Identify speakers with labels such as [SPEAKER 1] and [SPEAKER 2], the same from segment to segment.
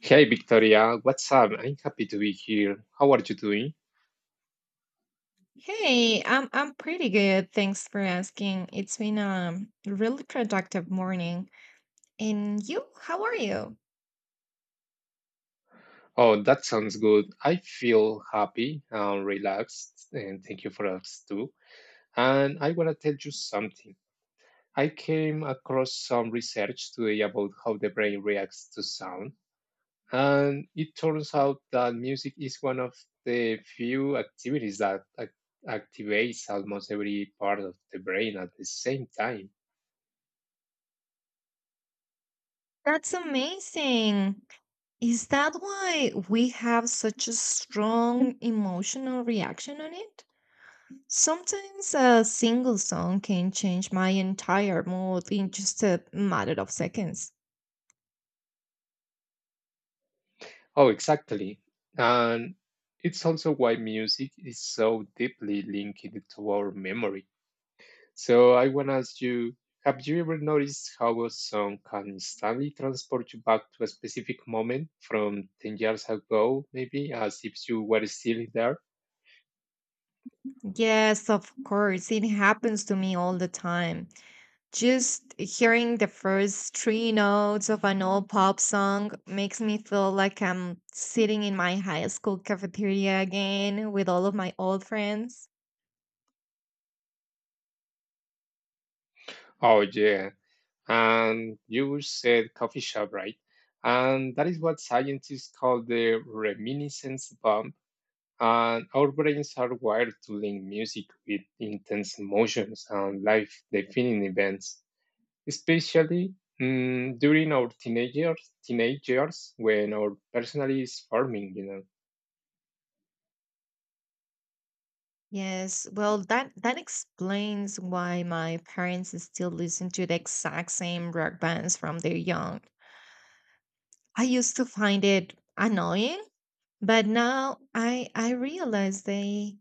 [SPEAKER 1] Hey Victoria, what's up? I'm happy to be here. How are you doing?
[SPEAKER 2] Hey, I'm pretty good. Thanks for asking. It's been a really productive morning. And you, how are you?
[SPEAKER 1] Oh, that sounds good. I feel happy and relaxed, and thank you for us too. And I want to tell you something. I came across some research today about how the brain reacts to sound, and it turns out that music is one of the few activities that activates almost every part of the brain at the same time.
[SPEAKER 2] That's amazing. Is that why we have such a strong emotional reaction on it? Sometimes a single song can change my entire mood in just a matter of seconds.
[SPEAKER 1] Oh, exactly. And it's also why music is so deeply linked to our memory. So I want to ask you, have you ever noticed how a song can instantly transport you back to a specific moment from 10 years ago, maybe, as if you were still there?
[SPEAKER 2] Yes, of course. It happens to me all the time. Just hearing the first three notes of an old pop song makes me feel like I'm sitting in my high school cafeteria again with all of my old friends.
[SPEAKER 1] Oh, yeah. And you said coffee shop, right? And that is what scientists call the reminiscence bump. And our brains are wired to link music with intense emotions and life defining events, especially during our teenage years when our personality is forming,
[SPEAKER 2] Yes, well, that explains why my parents still listen to the exact same rock bands from their young. I used to find it annoying, but now I realize they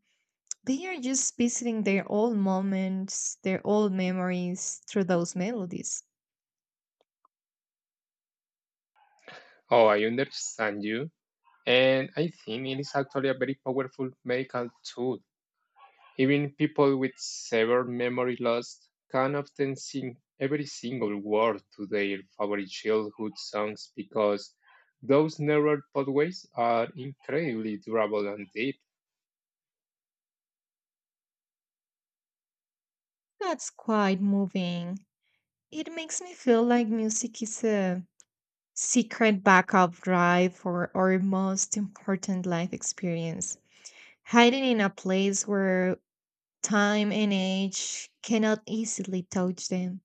[SPEAKER 2] they are just visiting their old moments, their old memories through those melodies.
[SPEAKER 1] Oh, I understand you. And I think it is actually a very powerful medical tool. Even people with severe memory loss can often sing every single word to their favorite childhood songs because those neural pathways are incredibly durable and deep.
[SPEAKER 2] That's quite moving. It makes me feel like music is a secret backup drive for our most important life experience, hiding in a place where time and age cannot easily touch them.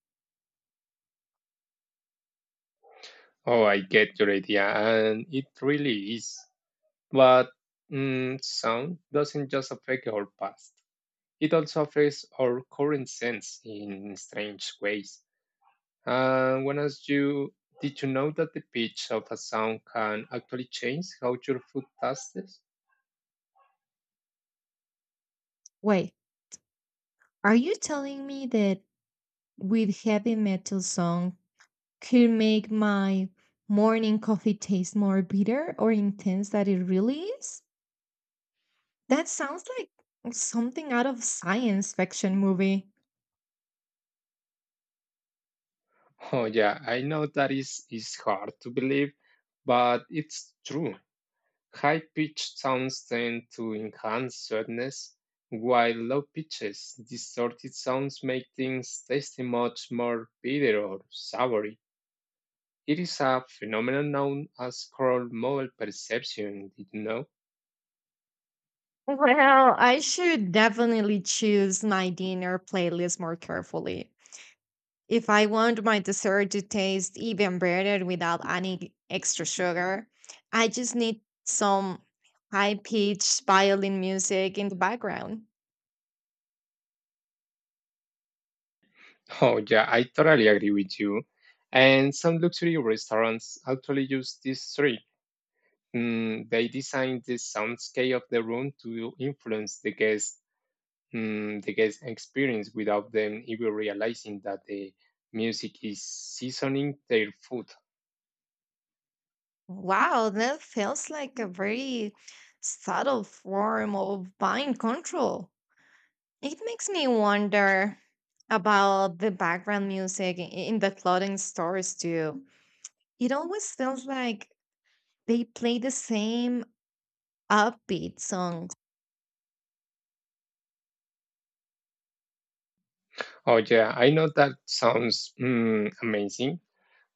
[SPEAKER 1] Oh, I get your idea, and it really is. But sound doesn't just affect our past, it also affects our current sense in strange ways. And when as you, did you know that the pitch of a sound can actually change how your food tastes?
[SPEAKER 2] Wait, are you telling me that with heavy metal song could make my morning coffee taste more bitter or intense than it really is? That sounds like something out of science fiction movie.
[SPEAKER 1] Oh yeah, I know that is hard to believe, but it's true. High pitched sounds tend to enhance sweetness, while low pitches, distorted sounds make things taste much more bitter or soury. It is a phenomenon known as coral mole perception, did you know?
[SPEAKER 2] Well, I should definitely choose my dinner playlist more carefully. If I want my dessert to taste even better without any extra sugar, I just need some high pitched violin music in the background.
[SPEAKER 1] Oh, yeah, I totally agree with you. And some luxury restaurants actually use this trick. They design the soundscape of the room to influence the guest experience without them even realizing that the music is seasoning their food.
[SPEAKER 2] Wow, that feels like a very subtle form of mind control. It makes me wonder about the background music in the clothing stores too. It always feels like they play the same upbeat songs.
[SPEAKER 1] Oh, yeah, I know that sounds amazing.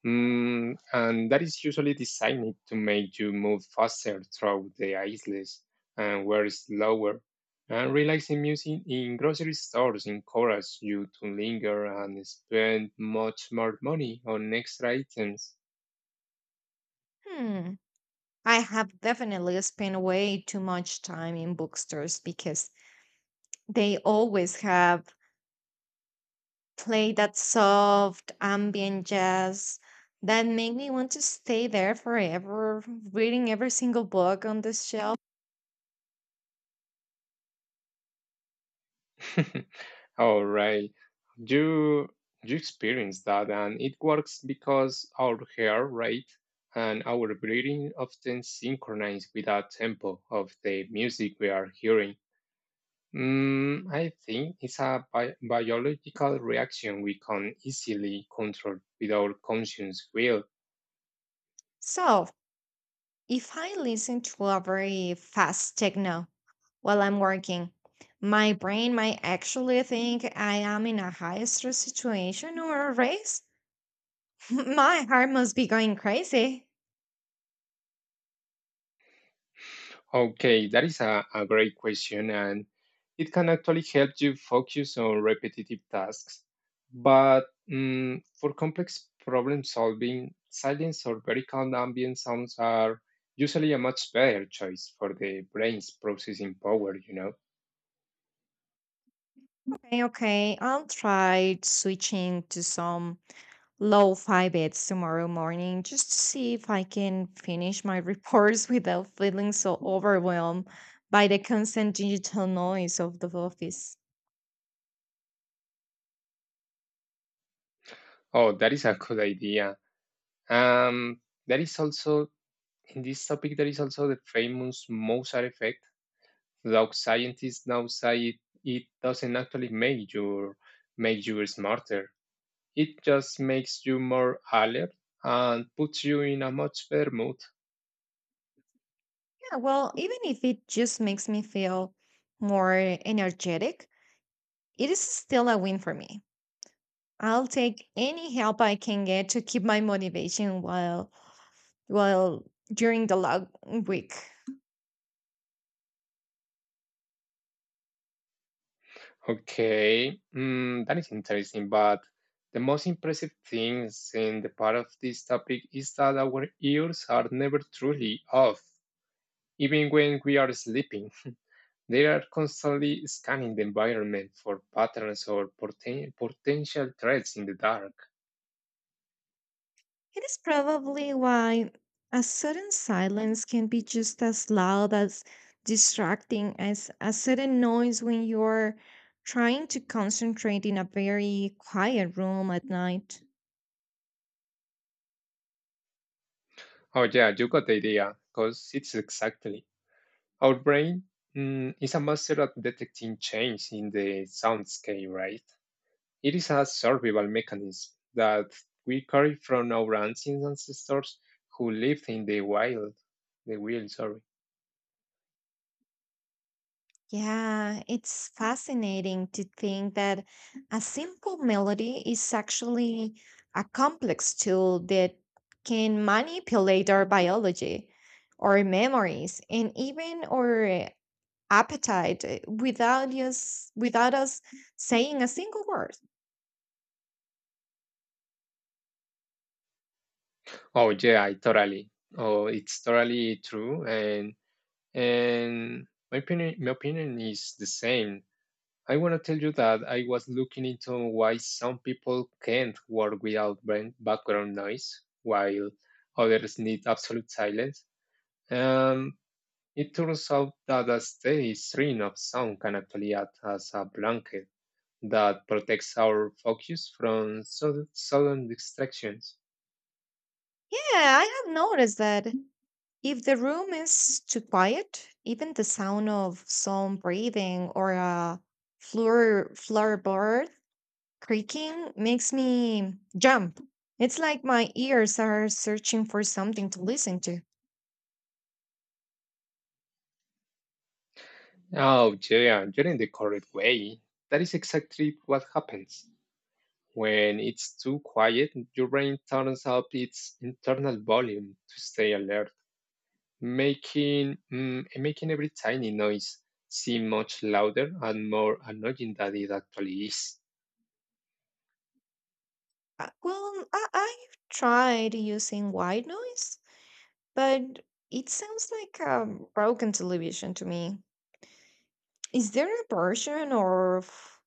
[SPEAKER 1] And that is usually designed to make you move faster through the aisles and wear slower. And relaxing music in grocery stores encourages you to linger and spend much more money on extra items.
[SPEAKER 2] Hmm. I have definitely spent way too much time in bookstores because they always have play that soft ambient jazz that make me want to stay there forever, reading every single book on the shelf.
[SPEAKER 1] All right, you you experience that, and it works because our heart rate and our breathing often synchronize with the tempo of the music we are hearing. I think it's a biological reaction we can easily control without conscious will.
[SPEAKER 2] So if I listen to a very fast techno while I'm working, my brain might actually think I am in a high stress situation or a race. My heart must be going crazy.
[SPEAKER 1] Okay, that is a great question, and it can actually help you focus on repetitive tasks. But for complex problem solving, silence or very calm ambient sounds are usually a much better choice for the brain's processing power,
[SPEAKER 2] Okay, okay. I'll try switching to some low fi bits tomorrow morning just to see if I can finish my reports without feeling so overwhelmed by the constant digital noise of the office.
[SPEAKER 1] Oh, that is a good idea. Um, that is also in this topic there is also the famous Mozart effect, though scientists now it doesn't actually make you smarter. It just makes you more alert and puts you in a much better mood.
[SPEAKER 2] Yeah, well, even if it just makes me feel more energetic, it is still a win for me. I'll take any help I can get to keep my motivation while during the long week.
[SPEAKER 1] Okay, that is interesting. But the most impressive thing in the part of this topic is that our ears are never truly off, even when we are sleeping. They are constantly scanning the environment for patterns or potential threats in the dark.
[SPEAKER 2] It is probably why a sudden silence can be just as loud as distracting as a sudden noise when you're trying to concentrate in a very quiet room at night.
[SPEAKER 1] Oh, yeah, you got the idea, because it's exactly. Our brain is a master at detecting change in the soundscape, right? It is a survival mechanism that we carry from our ancient ancestors who lived in the wild. The wild, sorry.
[SPEAKER 2] Yeah, it's fascinating to think that a simple melody is actually a complex tool that can manipulate our biology, our memories, and even our appetite without us saying a single word.
[SPEAKER 1] Oh yeah, I totally. Oh, it's totally true, and and my opinion is the same. I want to tell you that I was looking into why some people can't work without background noise, while others need absolute silence. Um, It turns out that a steady stream of sound can actually act as a blanket that protects our focus from sudden distractions.
[SPEAKER 2] Yeah, I have noticed that if the room is too quiet, even the sound of some breathing or a floorboard creaking makes me jump. It's like my ears are searching for something to listen to.
[SPEAKER 1] Oh, yeah, you're in the correct way. That is exactly what happens. When it's too quiet, your brain turns up its internal volume to stay alert, making every tiny noise seem much louder and more annoying than it actually is.
[SPEAKER 2] Well, I've tried using white noise, but it sounds like a broken television to me. Is there a version of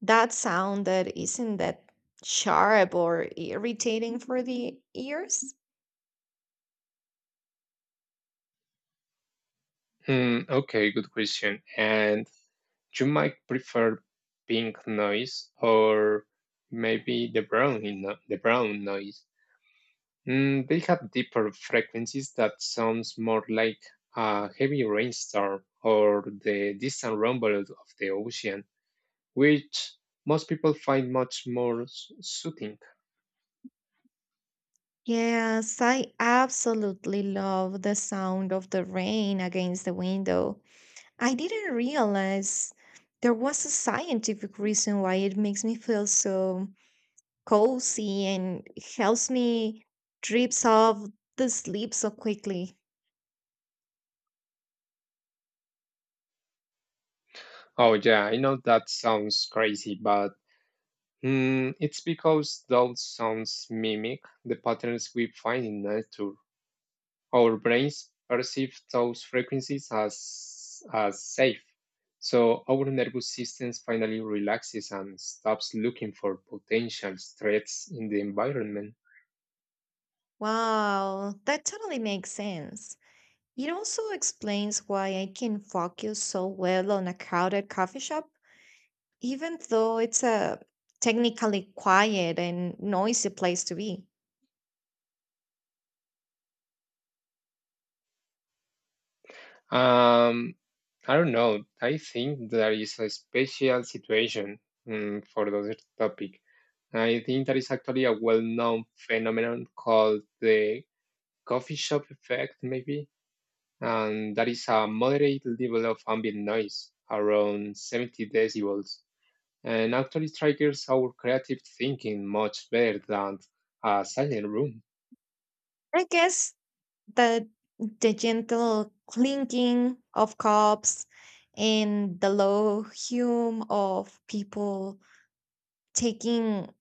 [SPEAKER 2] that sound that isn't that sharp or irritating for the ears?
[SPEAKER 1] Hmm, okay, good question. And you might prefer pink noise or maybe the brown in- no, the brown noise. They have deeper frequencies that sounds more like a heavy rainstorm or the distant rumble of the ocean, which most people find much more soothing.
[SPEAKER 2] Yes, I absolutely love the sound of the rain against the window. I didn't realize there was a scientific reason why it makes me feel so cozy and helps me drips off the sleep so quickly.
[SPEAKER 1] Oh yeah, I know that sounds crazy, but it's because those sounds mimic the patterns we find in nature. Our brains perceive those frequencies as safe. So our nervous system finally relaxes and stops looking for potential threats in the environment.
[SPEAKER 2] Wow, that totally makes sense. It also explains why I can focus so well on a crowded coffee shop, even though it's a technically quiet and noisy place to be.
[SPEAKER 1] Um, I don't know. I think there is a special situation for this topic. I think there is actually a well known phenomenon called the coffee shop effect, maybe. And that is a moderate level of ambient noise, around 70 decibels, and actually triggers our creative thinking much better than a silent room.
[SPEAKER 2] I guess the, the gentle clinking of cups and the low hum of people taking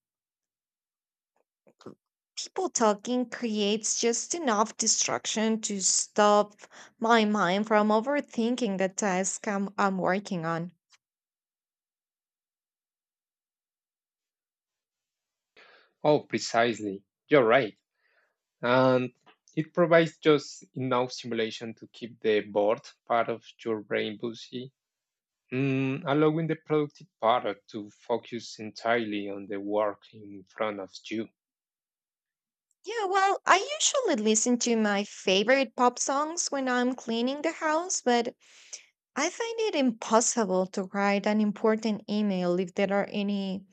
[SPEAKER 2] people talking creates just enough distraction to stop my mind from overthinking the task I'm working on.
[SPEAKER 1] Oh, precisely. You're right. And it provides just enough stimulation to keep the bored part of your brain busy, allowing the productive part to focus entirely on the work in front of you.
[SPEAKER 2] Yeah, well, I usually listen to my favorite pop songs when I'm cleaning the house, but I find it impossible to write an important email if there are any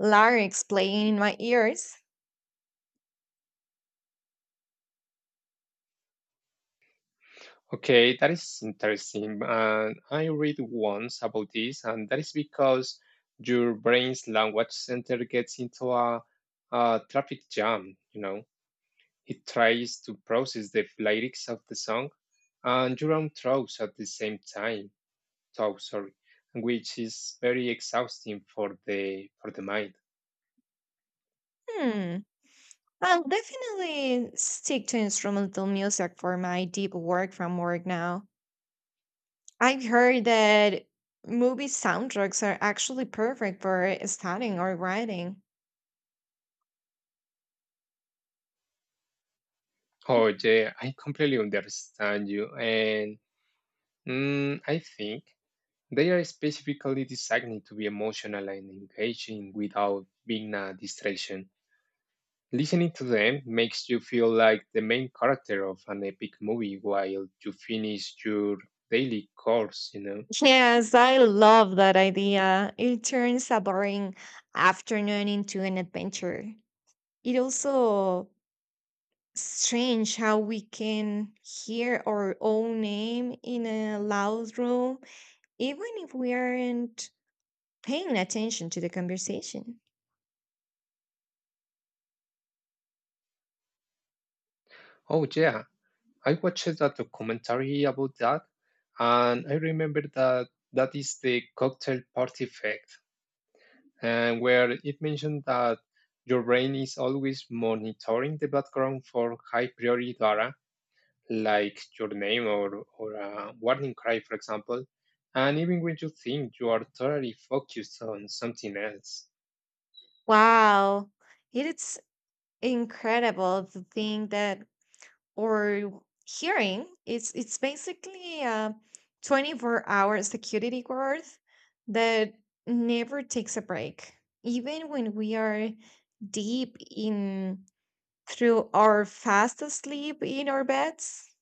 [SPEAKER 2] lyrics playing in my ears.
[SPEAKER 1] Okay, that is interesting. And I read once about this, and that is because your brain's language center gets into a traffic jam, It tries to process the lyrics of the song and your own thoughts at the same time. Thought, sorry, which is very exhausting for the mind.
[SPEAKER 2] Hmm. I'll definitely stick to instrumental music for my deep work from work now. I've heard that movie soundtracks are actually perfect for studying or writing.
[SPEAKER 1] Oh yeah, I completely understand you, and mm, I think. They are specifically designed to be emotional and engaging without being a distraction. Listening to them makes you feel like the main character of an epic movie while you finish your daily course,
[SPEAKER 2] Yes, I love that idea. It turns a boring afternoon into an adventure. It also strange how we can hear our own name in a loud room, even if we aren't paying attention to the conversation.
[SPEAKER 1] Oh, yeah, I watched a documentary about that, and I remember that that is the cocktail party effect, and where it mentioned that your brain is always monitoring the background for high priority data like your name or a warning cry, for example, and even when you think you are totally focused on something else.
[SPEAKER 2] Wow, it's incredible to think that or hearing it's basically a 24-hour security guard that never takes a break even when we are deep in through our fast asleep in our beds.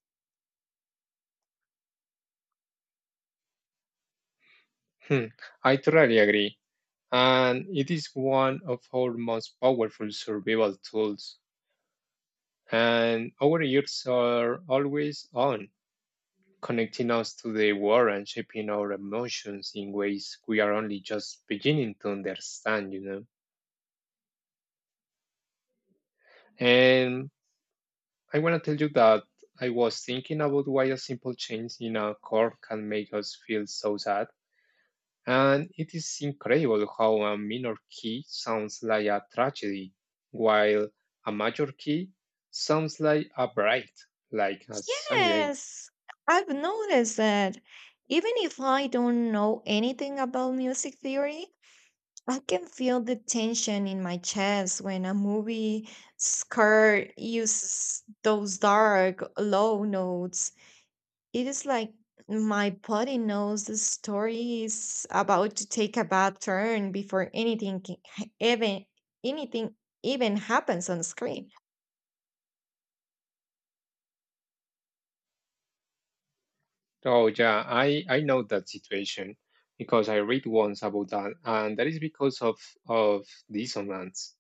[SPEAKER 1] Hmm, I totally agree. And it is one of our most powerful survival tools. And our ears are always on, connecting us to the world and shaping our emotions in ways we are only just beginning to understand, And I want to tell you that I was thinking about why a simple change in a chord can make us feel so sad, and it is incredible how a minor key sounds like a tragedy, while a major key sounds like a bright, like a sunny day.
[SPEAKER 2] Yes, I've noticed that even if I don't know anything about music theory, I can feel the tension in my chest when a movie score uses those dark, low notes. It is like my body knows the story is about to take a bad turn before even anything even happens on screen.
[SPEAKER 1] Oh yeah, I know that situation because I read once about that, and that is because of dissonance.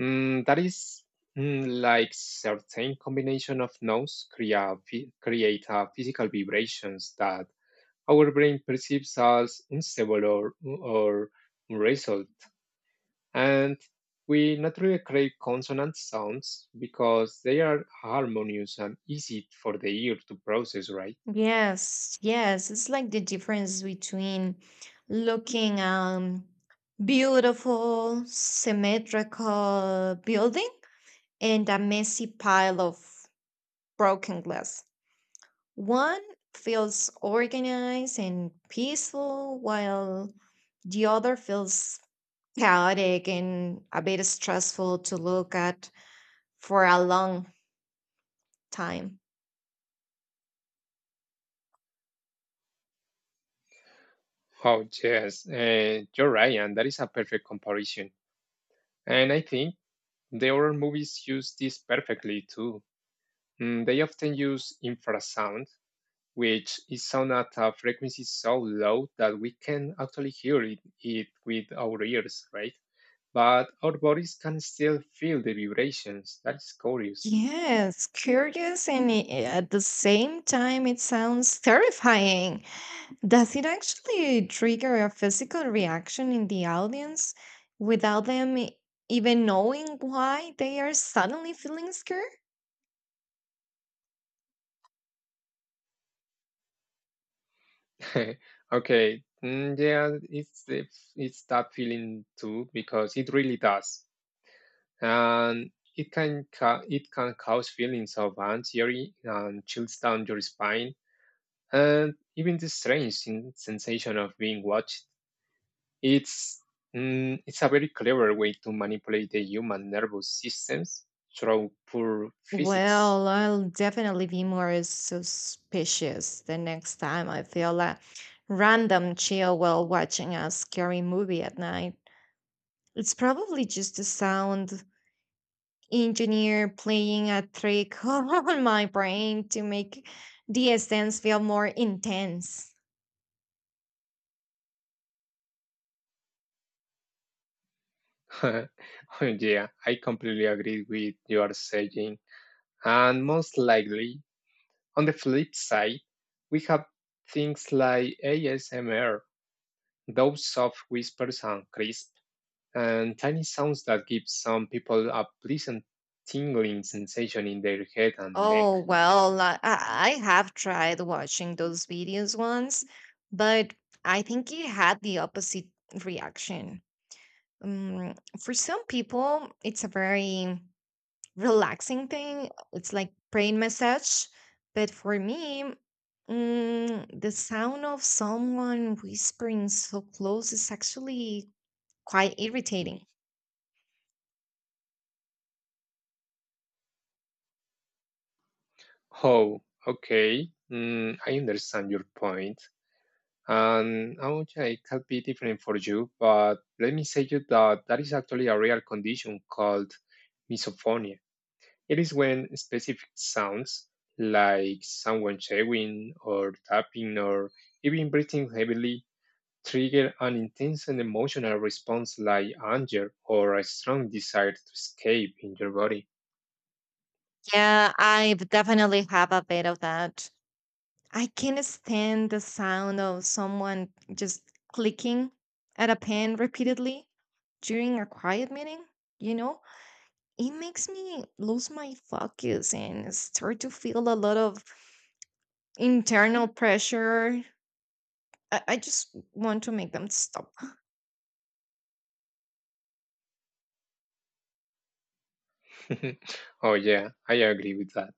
[SPEAKER 1] Mm, that is like certain combination of notes create a physical vibrations that our brain perceives as unstable or unresolved. And we naturally create consonant sounds because they are harmonious and easy for the ear to process, right?
[SPEAKER 2] Yes, yes, it's like the difference between looking beautiful symmetrical building and a messy pile of broken glass. One feels organized and peaceful, while the other feels chaotic and a bit stressful to look at for a long time.
[SPEAKER 1] Oh, yes, you're right, and that is a perfect comparison. And I think the horror movies use this perfectly too. They often use infrasound, which is sound at a frequency so low that we can actually hear it with our ears, right? But our bodies can still feel the vibrations. That's curious.
[SPEAKER 2] Yes, curious, and at the same time, it sounds terrifying. Does it actually trigger a physical reaction in the audience without even knowing why they are suddenly feeling scared?
[SPEAKER 1] Okay, yeah, it's that feeling too because it really does, and it it can cause feelings of anxiety and chills down your spine, and even the strange sensation of being watched. It's it's a very clever way to manipulate the human nervous systems through pure physics.
[SPEAKER 2] Well, I'll definitely be more suspicious the next time I feel a random chill while watching a scary movie at night. It's probably just a sound engineer playing a trick on my brain to make the essence feel more intense.
[SPEAKER 1] Yeah, I completely agree with your saying. And most likely, on the flip side, we have things like ASMR, those soft whispers and crisp and tiny sounds that give some people a pleasant tingling sensation in their head and neck.
[SPEAKER 2] Oh, well, I have tried watching those videos once, but I think it had the opposite reaction. Um, for some people, it's a very relaxing thing. It's like brain massage. But for me, the sound of someone whispering so close is actually quite irritating.
[SPEAKER 1] Oh, okay. I understand your point. And okay, it can be different for you, but let me say you that that is actually a real condition called misophonia. It is when specific sounds like someone chewing or tapping or even breathing heavily trigger an intense and emotional response like anger or a strong desire to escape in your body.
[SPEAKER 2] Yeah, I definitely have a bit of that. I can't stand the sound of someone just clicking at a pen repeatedly during a quiet meeting, you know? It makes me lose my focus and start to feel a lot of internal pressure. I just want to make them stop.
[SPEAKER 1] Oh, yeah, I agree with that.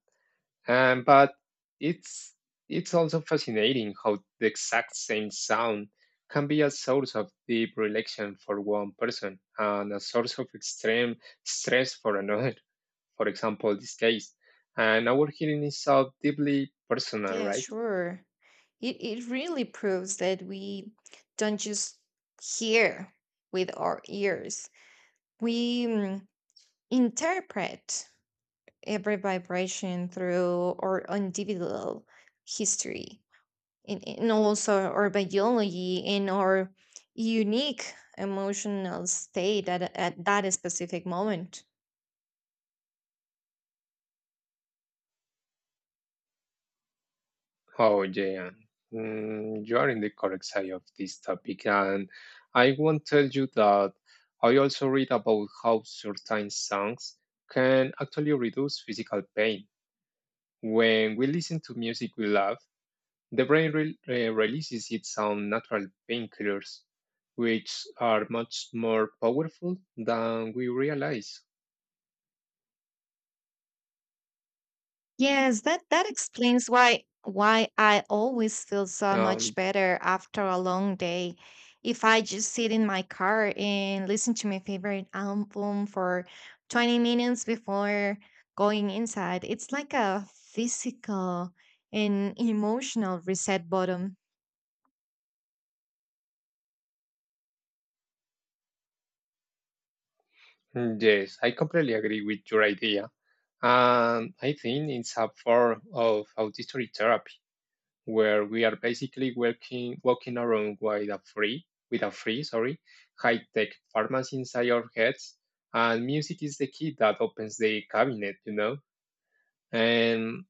[SPEAKER 1] But it's it's also fascinating how the exact same sound can be a source of deep relaxation for one person and a source of extreme stress for another. For example, this case, and our hearing is so deeply personal,
[SPEAKER 2] Yeah,
[SPEAKER 1] right?
[SPEAKER 2] sure. It really proves that we don't just hear with our ears, we interpret every vibration through our individual history in also our biology in our unique emotional state at that specific moment.
[SPEAKER 1] Oh, yeah. You are in the correct side of this topic, and I want to tell you that I also read about how certain songs can actually reduce physical pain. When we listen to music we love, the brain releases its own natural painkillers, which are much more powerful than we realize.
[SPEAKER 2] Yes, that explains why I always feel so much
[SPEAKER 1] Um,
[SPEAKER 2] better after a long day if I just sit in my car and listen to my favorite album for 20 minutes before going inside. It's like a physical and emotional reset button.
[SPEAKER 1] yes, I completely agree with your idea. And I think it's a form of auditory therapy where we are basically working, walking around with a free, sorry, high-tech pharmacy inside our heads. And music is the key that opens the cabinet, And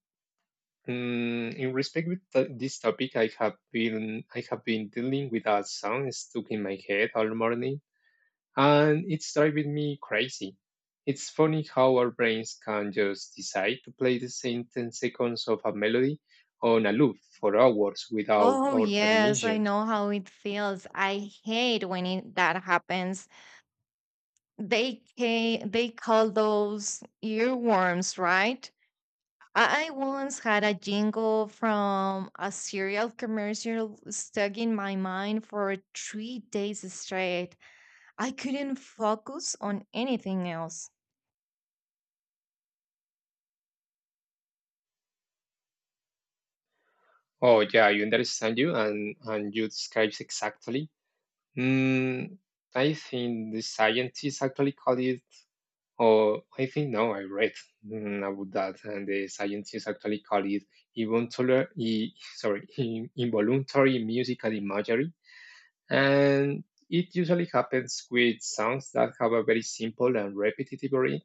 [SPEAKER 1] In respect with this topic, I have been dealing with a sound stuck in my head all morning, and it's driving me crazy. It's funny how our brains can just decide to play the same 10 seconds of a melody on a loop for hours without
[SPEAKER 2] Oh,
[SPEAKER 1] our
[SPEAKER 2] yes, I
[SPEAKER 1] permission.
[SPEAKER 2] know how it feels. I hate when it, that happens. They call those earworms, right? I once had a jingle from a cereal commercial stuck in my mind for 3 days straight. I couldn't focus on anything else.
[SPEAKER 1] Oh yeah, I understand you, and you describes exactly. Mm, I think the scientists actually call it Oh, I think now I read about that, and the scientists actually call it involuntary, I- sorry, in- involuntary musical imagery, and it usually happens with sounds that have a very simple and repetitive rhythm,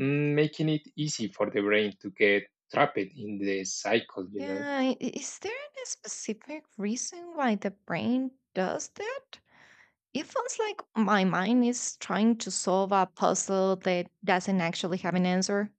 [SPEAKER 1] making it easy for the brain to get trapped in the cycle. You know.
[SPEAKER 2] Yeah, is there a specific reason why the brain does that? It feels like my mind is trying to solve a puzzle that doesn't actually have an answer.